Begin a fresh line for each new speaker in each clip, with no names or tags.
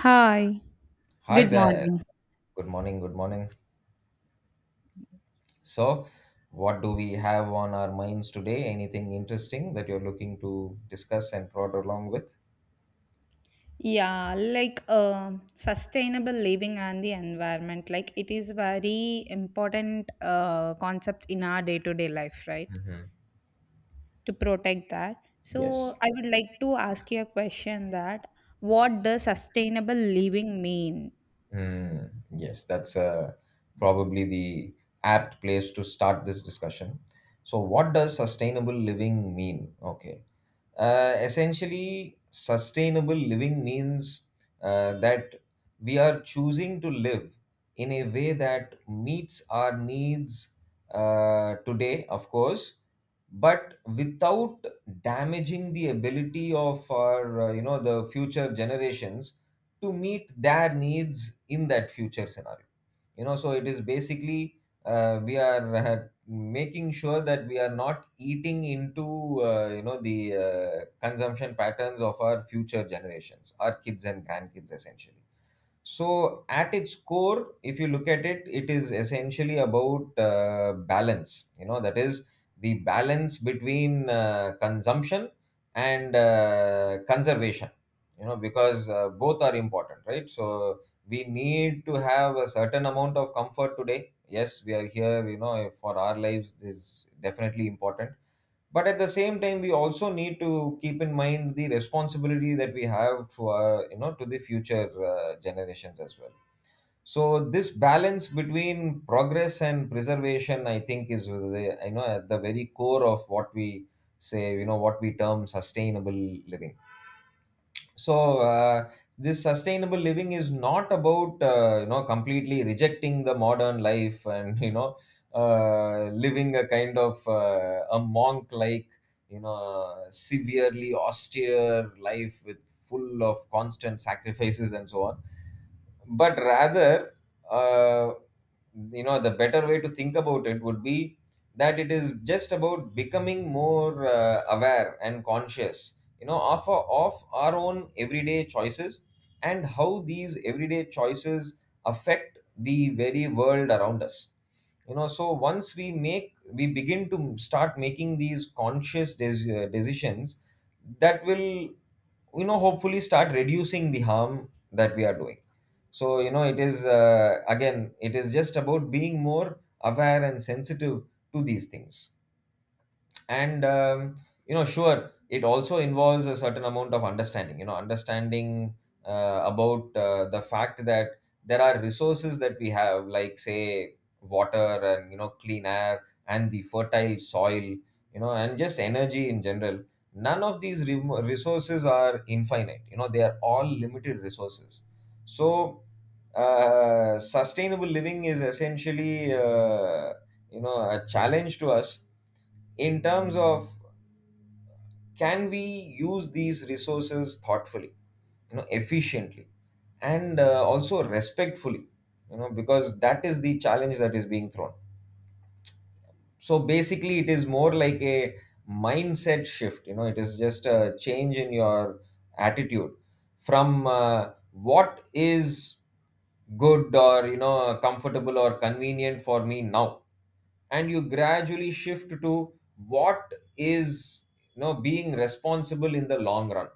Hi,
Hi
good
there.
morning.
Good morning. Good morning. So, what do we have on our minds today? Anything interesting that you're looking to discuss and prod along with?
Yeah, like sustainable living and the environment, like it is very important concept in our day to day life, right?
Hmm.
To protect that. So
Yes.
I would like to ask you a question that what does sustainable living mean?
Hmm. Yes, that's probably the apt place to start this discussion. So, what does sustainable living mean? Okay. Essentially, sustainable living means that we are choosing to live in a way that meets our needs today, of course, but without damaging the ability of our, the future generations to meet their needs in that future scenario. So it is basically, we are making sure that we are not eating into, the consumption patterns of our future generations, our kids and grandkids essentially. So, at its core, if you look at it, it is essentially about balance. That is the balance between consumption and conservation, because both are important, right? So, we need to have a certain amount of comfort today. Yes, we are here, for our lives is definitely important, but at the same time we also need to keep in mind the responsibility that we have for, to the future generations as well. So, this balance between progress and preservation, I think, is the, at the very core of what we say, what we term sustainable living. So, this sustainable living is not about, completely rejecting the modern life, and living a kind of a monk like severely austere life with full of constant sacrifices and so on. But rather, uh, the better way to think about it would be that it is just about becoming more aware and conscious, of, of our own everyday choices, and how these everyday choices affect the very world around us. So once we begin to start making these conscious, decisions that will, hopefully start reducing the harm that we are doing. So, it is, again, it is just about being more aware and sensitive to these things. And sure, it also involves a certain amount of understanding, understanding about the fact that there are resources that we have, like say water and, clean air and the fertile soil, and just energy in general. None of these resources are infinite. You know they are all limited resources. So, sustainable living is essentially, a challenge to us in terms of, can we use these resources thoughtfully, efficiently, and also respectfully, because that is the challenge that is being thrown. So, basically, it is more like a mindset shift. You know it is just a change in your attitude from, what is good, or comfortable or convenient for me now, and you gradually shift to what is, being responsible in the long run.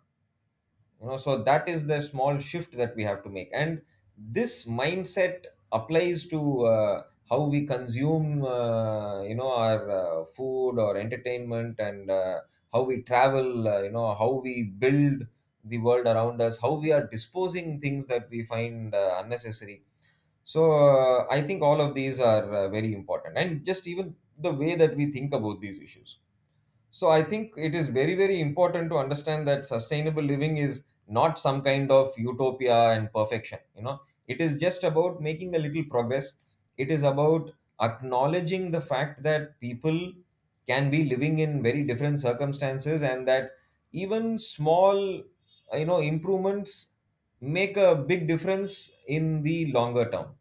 So that is the small shift that we have to make, and this mindset applies to, how we consume, our food or entertainment, and how we travel, how we build the world around us, how we are disposing things that we find unnecessary. So, I think all of these are very important, and just even the way that we think about these issues. So, I think it is very, very important to understand that sustainable living is not some kind of utopia and perfection. It is just about making a little progress. It is about acknowledging the fact that people can be living in very different circumstances, and that even small, improvements make a big difference in the longer term.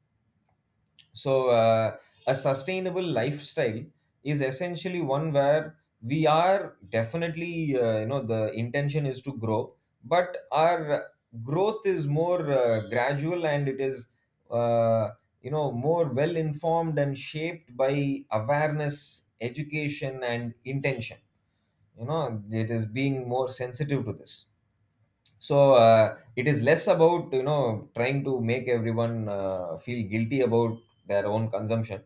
So, a sustainable lifestyle is essentially one where we are definitely, the intention is to grow, but our growth is more gradual, and it is, uh, more well informed and shaped by awareness, education, and intention. It is being more sensitive to this. So, it is less about, trying to make everyone feel guilty about their own consumption,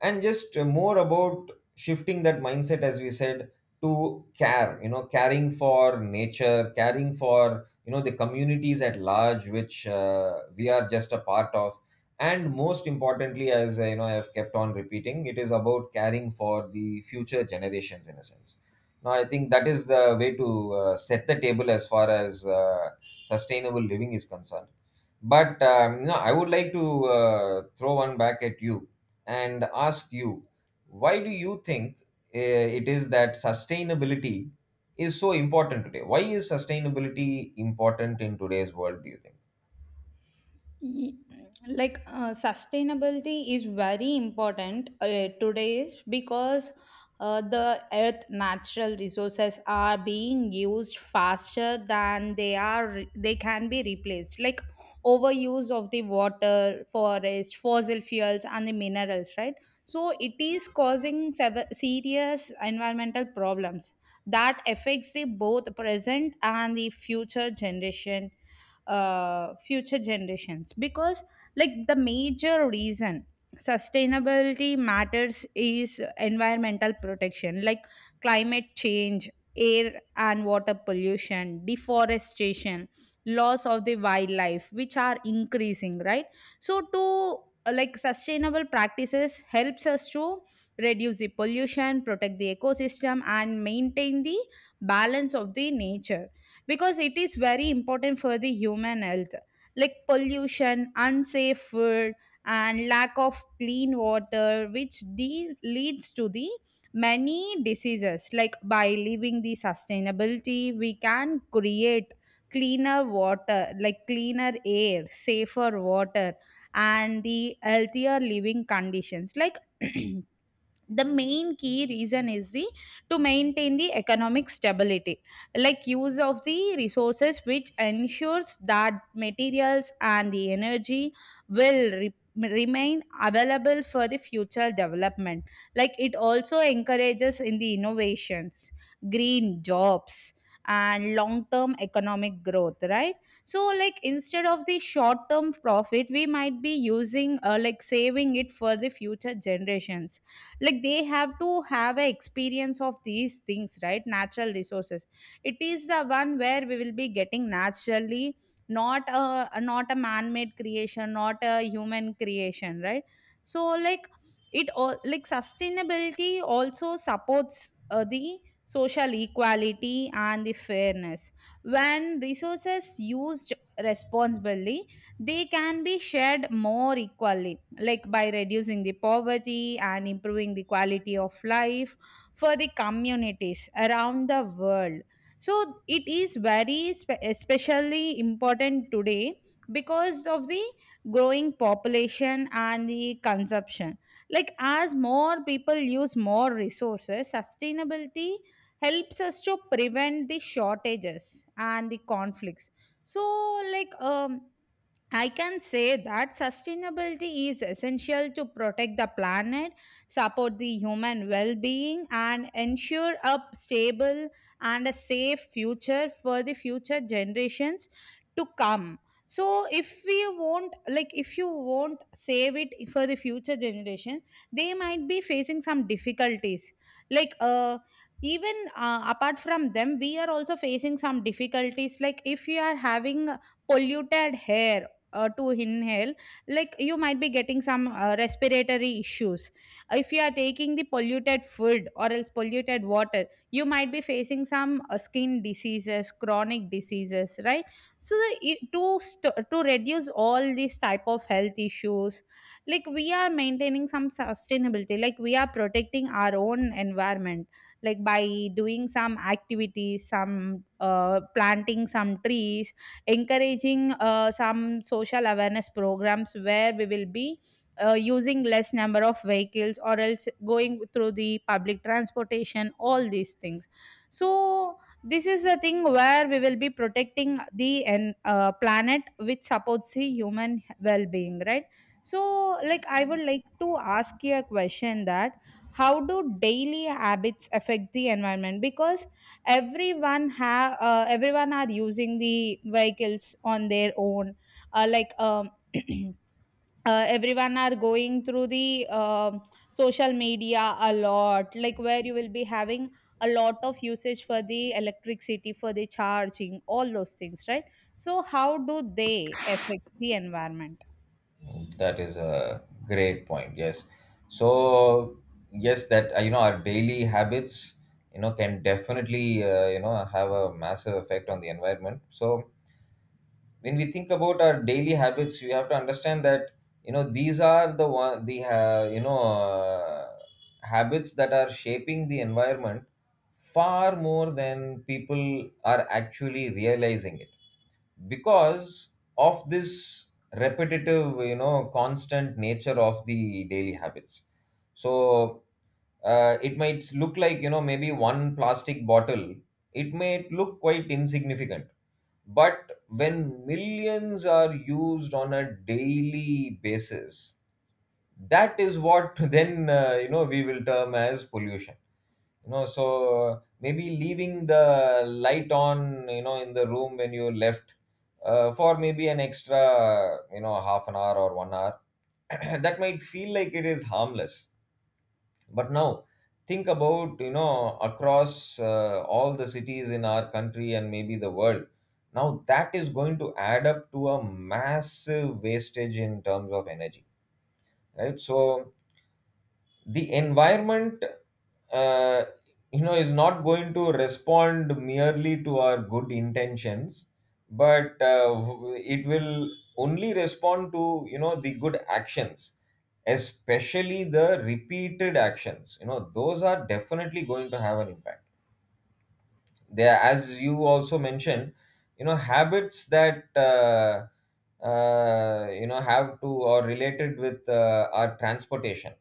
and just more about shifting that mindset, as we said, to care, caring for nature, caring for, the communities at large, which we are just a part of. And most importantly, as I have kept on repeating, it is about caring for the future generations in a sense. Now, I think that is the way to set the table as far as sustainable living is concerned. But I would like to throw one back at you and ask you, why do you think it is that sustainability is so important today? Why is sustainability important in today's world? Do you think?
Ye- like sustainability is very important today because the earth natural resources are being used faster than they can be replaced, like overuse of the water, forest, fossil fuels, and the minerals, right? So it is causing serious environmental problems that affects the both present and the future generation, future generations. Because like the major reason sustainability matters is environmental protection, like climate change, air and water pollution, deforestation, loss of the wildlife, which are increasing, right? So to like sustainable practices helps us to reduce the pollution, protect the ecosystem, and maintain the balance of the nature, because it is very important for the human health. Like pollution, unsafe food, and lack of clean water which leads to the many diseases. Like by living the sustainability, we can create cleaner water, like cleaner air, safer water, and the healthier living conditions. Like the main key reason is the to maintain the economic stability, like use of the resources which ensures that materials and the energy remain available for the future development. Like it also encourages in the innovations, green jobs, and long term economic growth, right? So like instead of the short term profit we might be using, like saving it for the future generations, like they have to have a experience of these things, right? Natural resources, it is the one where we will be getting naturally, not a man made creation, not a human creation, right? So like it all, like sustainability also supports the social equality and the fairness. When resources used responsibly, they can be shared more equally, like by reducing the poverty and improving the quality of life for the communities around the world. So it is very especially important today because of the growing population and the consumption. Like as more people use more resources, sustainability helps us to prevent the shortages and the conflicts. So like I can say that sustainability is essential to protect the planet, support the human well being, and ensure a stable and a safe future for the future generations to come. So, if we won't, like, if you won't save it for the future generation, they might be facing some difficulties. Like, even apart from them, we are also facing some difficulties. Like, if you are having polluted hair to inhale, like you might be getting some respiratory issues. If you are taking the polluted food or else polluted water, you might be facing some skin diseases, chronic diseases, right? So the, I- to st- to reduce all these type of health issues, like we are maintaining some sustainability, like we are protecting our own environment, like by doing some activities, some planting some trees, encouraging some social awareness programs, where we will be using less number of vehicles or else going through the public transportation, all these things. So this is a thing where we will be protecting planet, which supports the human well-being, right? So like I would like to ask you a question that how do daily habits affect the environment? Because everyone are using the vehicles on their own, uh, like um, everyone are going through the social media a lot, like where you will be having a lot of usage for the electricity, for the charging, all those things, right? So how do they affect the environment?
That is a great point. Yes. So, yes, that, our daily habits, can definitely, have a massive effect on the environment. So, when we think about our daily habits, we have to understand that, these are the one, the habits that are shaping the environment far more than people are actually realizing it, because of this repetitive, constant nature of the daily habits. So, it might look like, maybe one plastic bottle, it may look quite insignificant. But when millions are used on a daily basis, that is what then we will term as pollution. So, maybe leaving the light on, in the room when you left, for maybe an extra, half an hour or one hour that might feel like it is harmless. But now, think about, across all the cities in our country and maybe the world. Now that is going to add up to a massive wastage in terms of energy, right? So, the environment, uh, is not going to respond merely to our good intentions, but it will only respond to, the good actions, especially the repeated actions. Those are definitely going to have an impact. There, as you also mentioned, habits that, have to, or related with our transportation,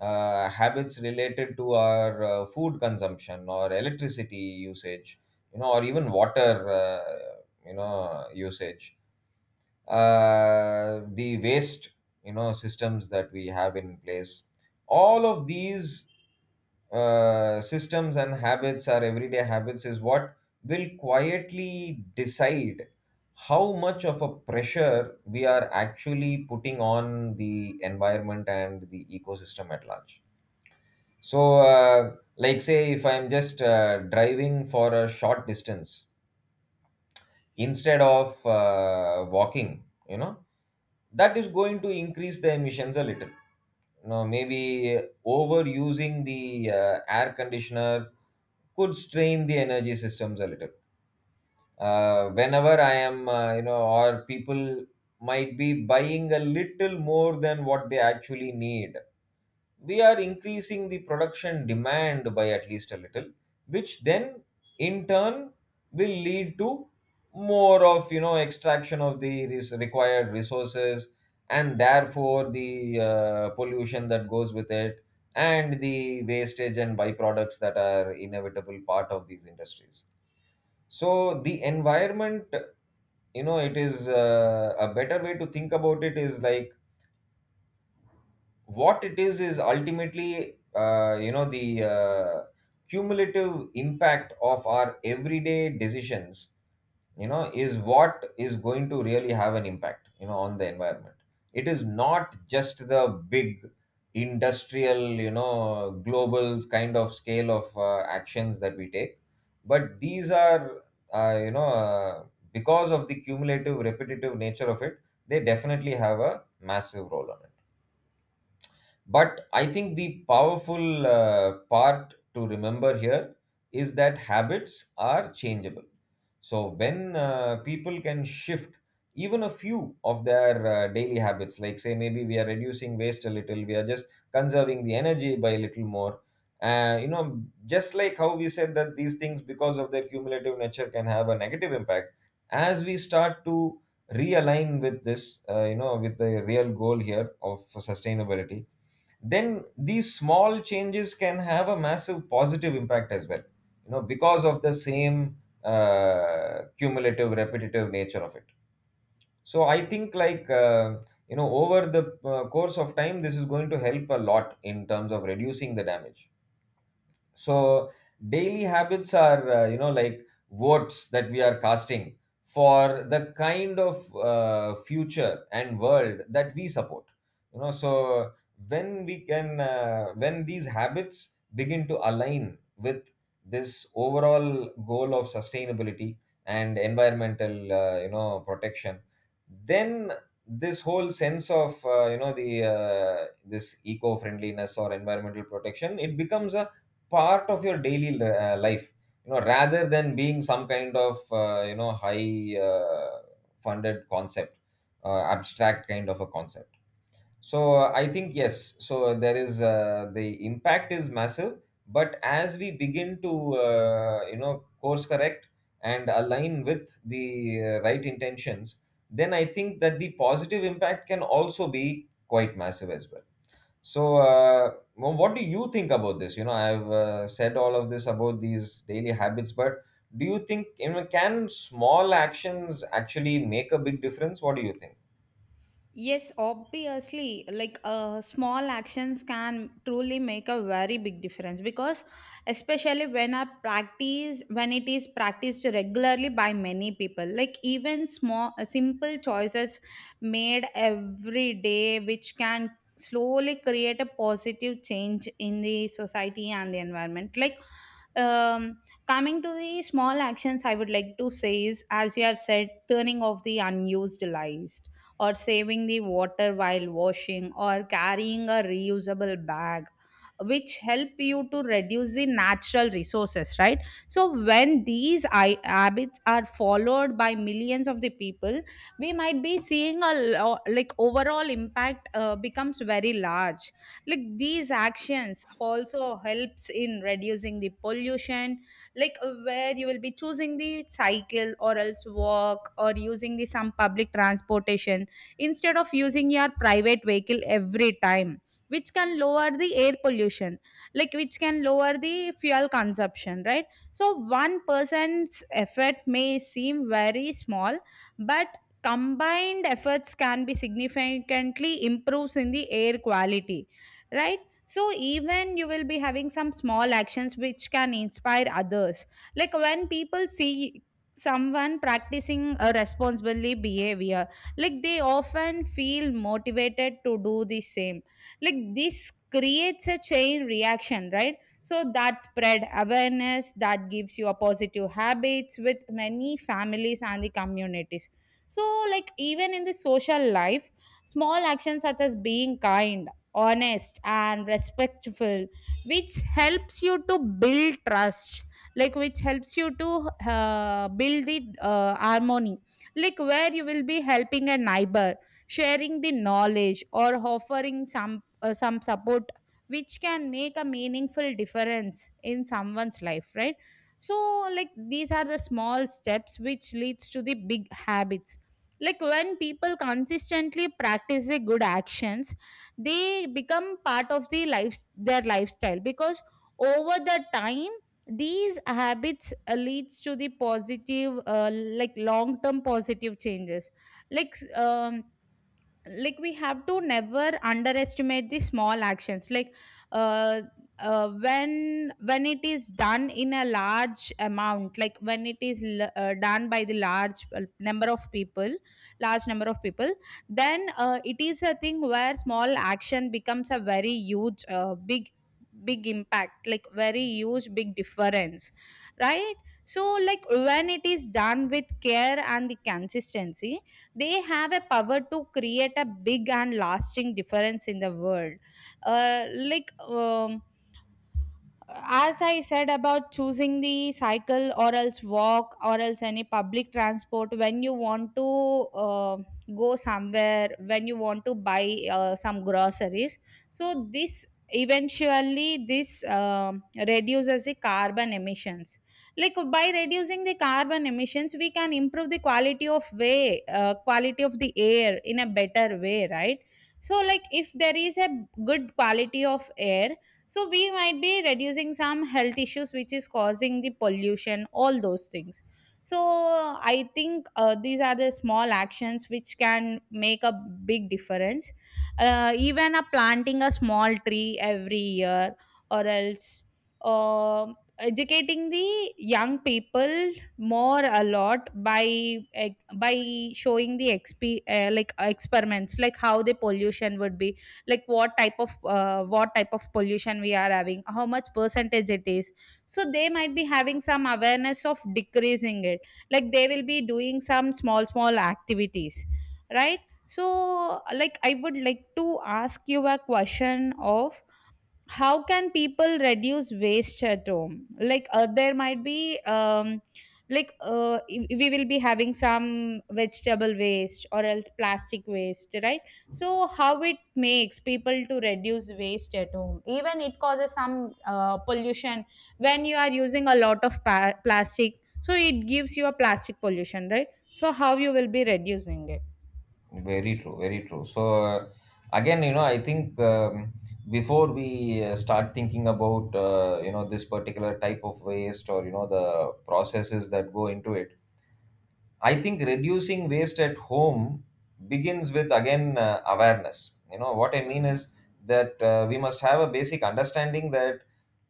habits related to our food consumption or electricity usage, or even water, usage, the waste, systems that we have in place. All of these systems and habits, our everyday habits, is what will quietly decide how much of a pressure we are actually putting on the environment and the ecosystem at large. So, like, say, if I'm just driving for a short distance instead of walking, you know, that is going to increase the emissions a little. Now, maybe overusing the air conditioner could strain the energy systems a little. Whenever I am, or people might be buying a little more than what they actually need, we are increasing the production demand by at least a little, which then in turn will lead to more of, extraction of the required resources, and therefore the pollution that goes with it, and the wastage and byproducts that are inevitable part of these industries. So, the environment, it is, a better way to think about it is like what it is ultimately, the cumulative impact of our everyday decisions, is what is going to really have an impact, on the environment. It is not just the big industrial, global kind of scale of actions that we take. But these are, uh, you know uh, because of the cumulative repetitive nature of it, they definitely have a massive role on it. But I think the powerful part to remember here is that habits are changeable. So when people can shift even a few of their daily habits, like say maybe we are reducing waste a little, we are just conserving the energy by a little more. Just like how we said that these things, because of their cumulative nature, can have a negative impact. As we start to realign with this, with the real goal here of sustainability, then these small changes can have a massive positive impact as well, you know, because of the same cumulative repetitive nature of it. So I think, like, over the course of time this is going to help a lot in terms of reducing the damage. So daily habits are, you know, like votes that we are casting for the kind of future and world that we support, you know. So when we can when these habits begin to align with this overall goal of sustainability and environmental, you know, protection, then this whole sense of you know the this eco friendliness or environmental protection, it becomes a part of your daily life, you know, rather than being some kind of high funded concept, abstract kind of a concept. So I think, yes, so there is the impact is massive, but as we begin to uh, you know course correct and align with the right intentions, then I think that the positive impact can also be quite massive as well. So, what do you think about this? You know, I've said all of this about these daily habits, but do you think, you know, can small actions actually make a big difference? What do you think?
Yes, obviously, like small actions can truly make a very big difference, because especially when I practice, when it is practiced regularly by many people, like even small, simple choices made every day, which can slowly create a positive change in the society and the environment. Like, um, coming to the small actions, I would like to say is, as you have said, turning off the unused lights, or saving the water while washing, or carrying a reusable bag, which help you to reduce the natural resources, right? So when these habits are followed by millions of the people, we might be seeing a like overall impact becomes very large. Like these actions also helps in reducing the pollution, like where you will be choosing the cycle or else walk, or using the some public transportation instead of using your private vehicle every time, which can lower the air pollution, like which can lower the fuel consumption, right? So one person's effort may seem very small, but combined efforts can be significantly improves in the air quality, right? So even you will be having some small actions which can inspire others. Like when people see someone practicing a responsibly behavior, like they often feel motivated to do the same. Like this creates a chain reaction, right? So that spread awareness, that gives you a positive habits with many families and the communities. So like even in the social life, small actions such as being kind, honest, and respectful, which helps you to build trust, like which helps you to build the harmony, like where you will be helping a neighbor, sharing the knowledge, or offering some support, which can make a meaningful difference in someone's life, right? So, like these are the small steps which leads to the big habits. Like when people consistently practice the good actions, they become part of the life, their lifestyle, because over the time these habits leads to the positive, like long term positive changes. Like like we have to never underestimate the small actions, like uh, when it is done in a large amount, like when done by the large number of people, then it is a thing where small action becomes a very huge big big impact, like very huge big difference, right? So like when it is done with care and the consistency, they have a power to create a big and lasting difference in the world. uh, like um, as I said, about choosing the cycle or else walk or else any public transport when you want to go somewhere, when you want to buy some groceries. So, this eventually this reduces the carbon emissions, like by reducing the carbon emissions we can improve the quality of way quality of the air in a better way, right? So like if there is a good quality of air, so we might be reducing some health issues which is causing the pollution, all those things. So I think these are the small actions which can make a big difference. Even a planting a small tree every year, or else uh, educating the young people more a lot by eh, by showing the exp like experiments, like how the pollution would be, like what type of pollution we are having, how much percentage it is, so they might be having some awareness of decreasing it, like they will be doing some small small activities, right? So like I would like to ask you a question of how can people reduce waste at home? Like there might be we will be having some vegetable waste or else plastic waste, right? So how it makes people to reduce waste at home, even it causes some pollution when you are using a lot of plastic, so it gives you a plastic pollution, right? So how you will be reducing it?
Very true, very true. So, again, you know, I think, before we start thinking about, you know, this particular type of waste or, you know, the processes that go into it, I think reducing waste at home begins with again awareness. You know what I mean is that we must have a basic understanding that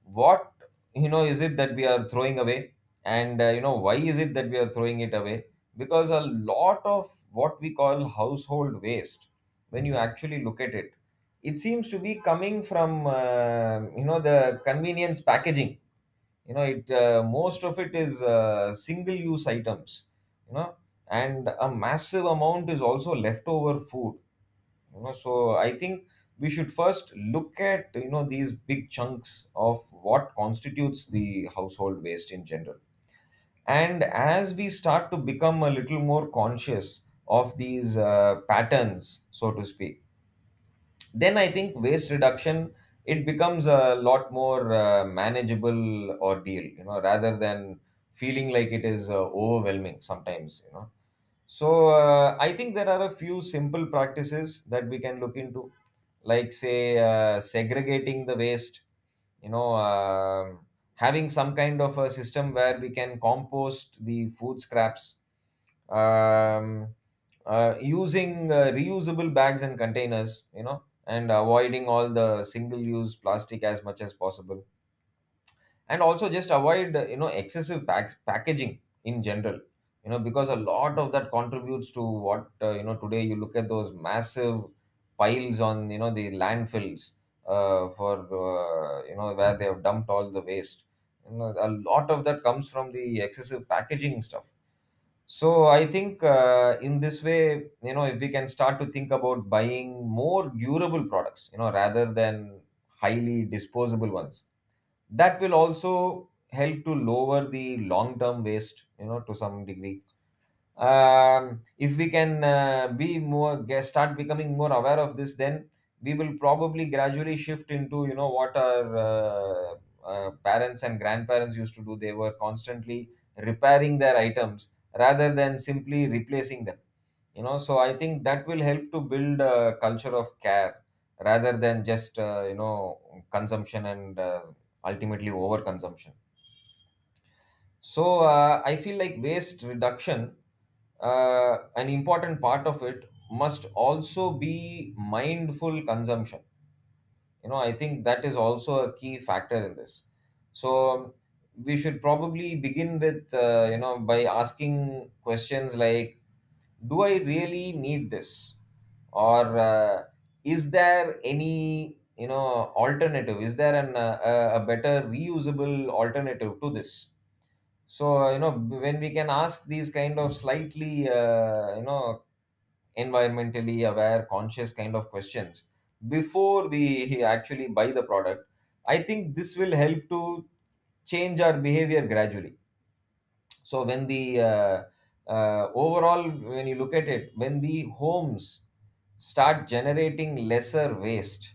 what, you know, is it that we are throwing away, and you know why is it that we are throwing it away? Because a lot of what we call household waste, when you actually look at it, it seems to be coming from you know the convenience packaging, you know. It Most of it is single use items, you know, and a massive amount is also leftover food, you know. So I think we should first look at, you know, these big chunks of what constitutes the household waste in general, and as we start to become a little more conscious of these patterns, so to speak, then I think waste reduction, it becomes a lot more manageable ordeal, you know, rather than feeling like it is overwhelming sometimes, you know. So I think there are a few simple practices that we can look into, like say segregating the waste, you know, um, having some kind of a system where we can compost the food scraps, um, using reusable bags and containers, you know, and avoiding all the single use plastic as much as possible, and also just avoid, you know, excessive packaging in general, you know, because a lot of that contributes to what, you know, today you look at those massive piles on, you know, the landfills, for you know where they have dumped all the waste, you know, a lot of that comes from the excessive packaging stuff. So I think in this way, you know, if we can start to think about buying more durable products, you know, rather than highly disposable ones, that will also help to lower the long-term waste, you know, to some degree. If we can start becoming more aware of this, then we will probably gradually shift into, you know, what our parents and grandparents used to do. They were constantly repairing their items rather than simply replacing them, you know. So I think that will help to build a culture of care rather than just, you know, consumption and ultimately overconsumption. So I feel like waste reduction, an important part of it must also be mindful consumption. You know, I think that is also a key factor in this. So we should probably begin with, you know, by asking questions like, do I really need this, or is there any, you know, alternative? Is there an a better reusable alternative to this? So you know when we can ask these kind of slightly, you know, environmentally aware conscious kind of questions before we actually buy the product, I think this will help to change our behavior gradually. So when the overall, when you look at it, when the homes start generating lesser waste,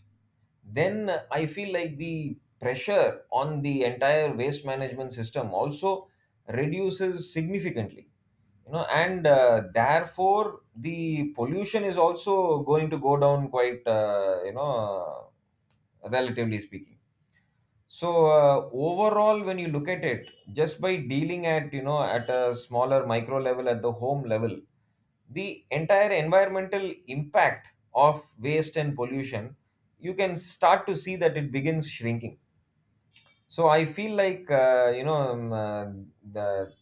then I feel like the pressure on the entire waste management system also reduces significantly, you know. And therefore the pollution is also going to go down quite, you know, relatively speaking. So overall, when you look at it, just by dealing at, you know, at a smaller micro level at the home level, the entire environmental impact of waste and pollution, you can start to see that it begins shrinking. So I feel like the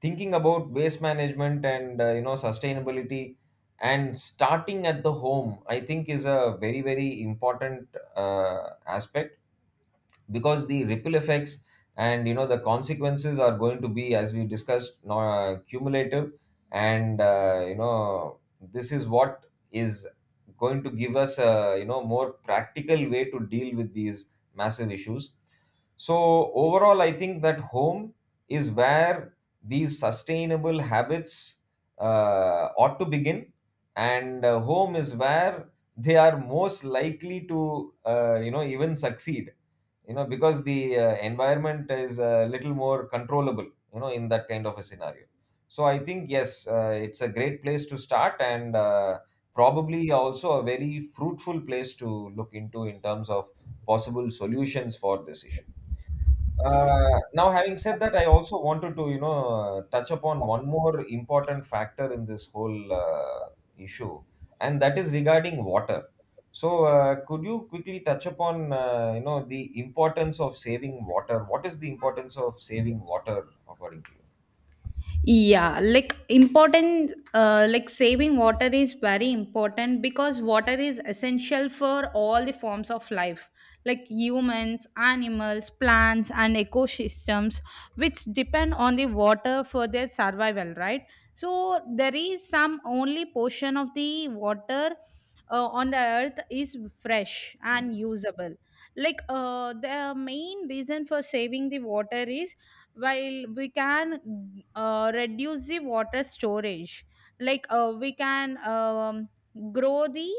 thinking about waste management and, you know, sustainability, and starting at the home, I think is a very very important aspect, because the ripple effects and, you know, the consequences are going to be, as we discussed, cumulative. And you know this is what is going to give us a, you know, more practical way to deal with these massive issues. So, overall, I think that home is where these sustainable habits ought to begin, and home is where they are most likely to, you know, even succeed, you know, because the environment is a little more controllable, you know, in that kind of a scenario. So, I think, yes, it's a great place to start, and probably also a very fruitful place to look into in terms of possible solutions for this issue. Uh, Now, having said that, I also wanted to, you know, touch upon one more important factor in this whole issue, and that is regarding water. So, could you quickly touch upon, you know, the importance of saving water? What is the importance of saving water, according to you?
Yeah, like important, like saving water is very important because water is essential for all the forms of life, like humans, animals, plants, and ecosystems, which depend on the water for their survival, right? So, there is some only portion of the water on the earth is fresh and usable. Like, the main reason for saving the water is while we can reduce the water storage, like we can, grow the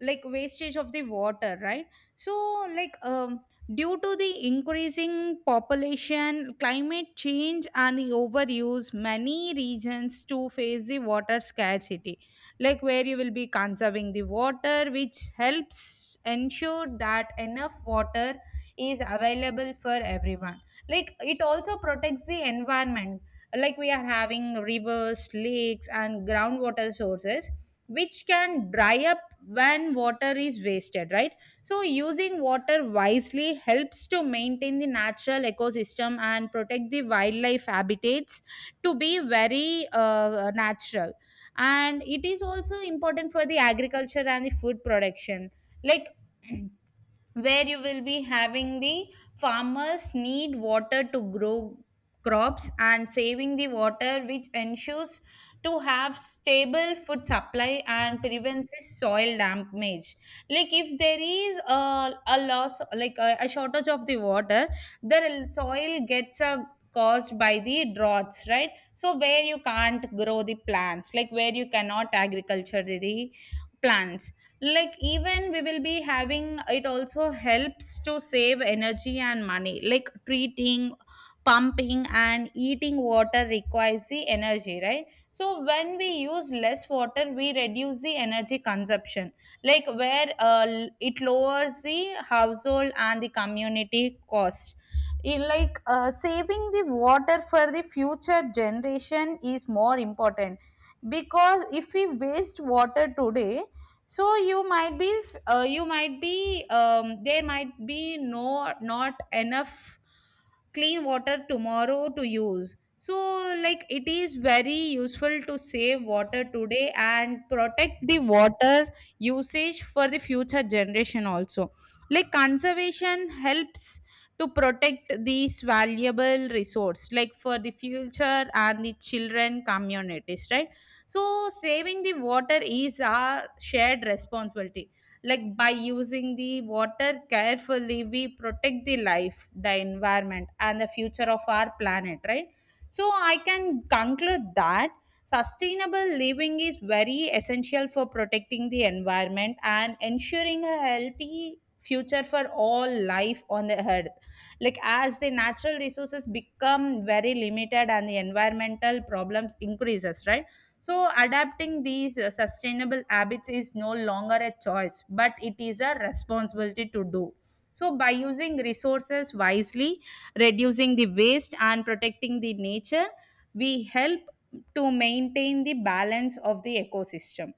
like wastage of the water, right? So like due to the increasing population, climate change, and the overuse, many regions to face the water scarcity. Like where you will be conserving the water, which helps ensure that enough water is available for everyone. Like it also protects the environment, like we are having rivers, lakes, and groundwater sources which can dry up when water is wasted, right? So using water wisely helps to maintain the natural ecosystem and protect the wildlife habitats to be very natural. And it is also important for the agriculture and the food production. Like where you will be having the farmers need water to grow crops, and saving the water which ensures to have stable food supply and prevents the soil damage. Like if there is a loss, like a shortage of the water, the soil gets a caused by the droughts, right? So where you can't grow the plants, like where you cannot agriculture the plants. Like even we will be having, it also helps to save energy and money, like treating, pumping, and eating water requires the energy, right? So when we use less water we reduce the energy consumption, like where it lowers the household and the community cost in. Like saving the water for the future generation is more important, because if we waste water today, so you might be you might be, there might be not enough clean water tomorrow to use. So like it is very useful to save water today and protect the water usage for the future generation also. Like conservation helps to protect these valuable resource, like for the future and the children communities, right? So, saving the water is our shared responsibility. Like by using the water carefully, we protect the life, the environment, and the future of our planet, right? So, I can conclude that sustainable living is very essential for protecting the environment and ensuring a healthy future for all life on the earth. Like as the natural resources become very limited and the environmental problems increases, right? So, adapting these sustainable habits is no longer a choice, but it is a responsibility to do. So, by using resources wisely, reducing the waste, and protecting the nature, we help to maintain the balance of the ecosystem.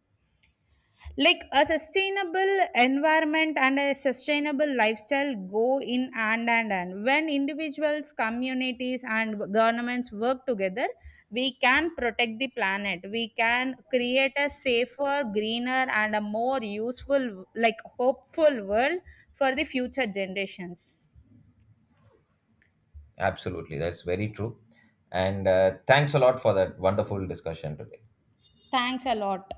Like a sustainable environment and a sustainable lifestyle go in hand and hand. When individuals, communities, and governments work together, we can protect the planet, we can create a safer, greener, and a more useful, like hopeful world for the future generations.
Absolutely, that's very true. And thanks a lot for that wonderful discussion today.
Thanks a lot.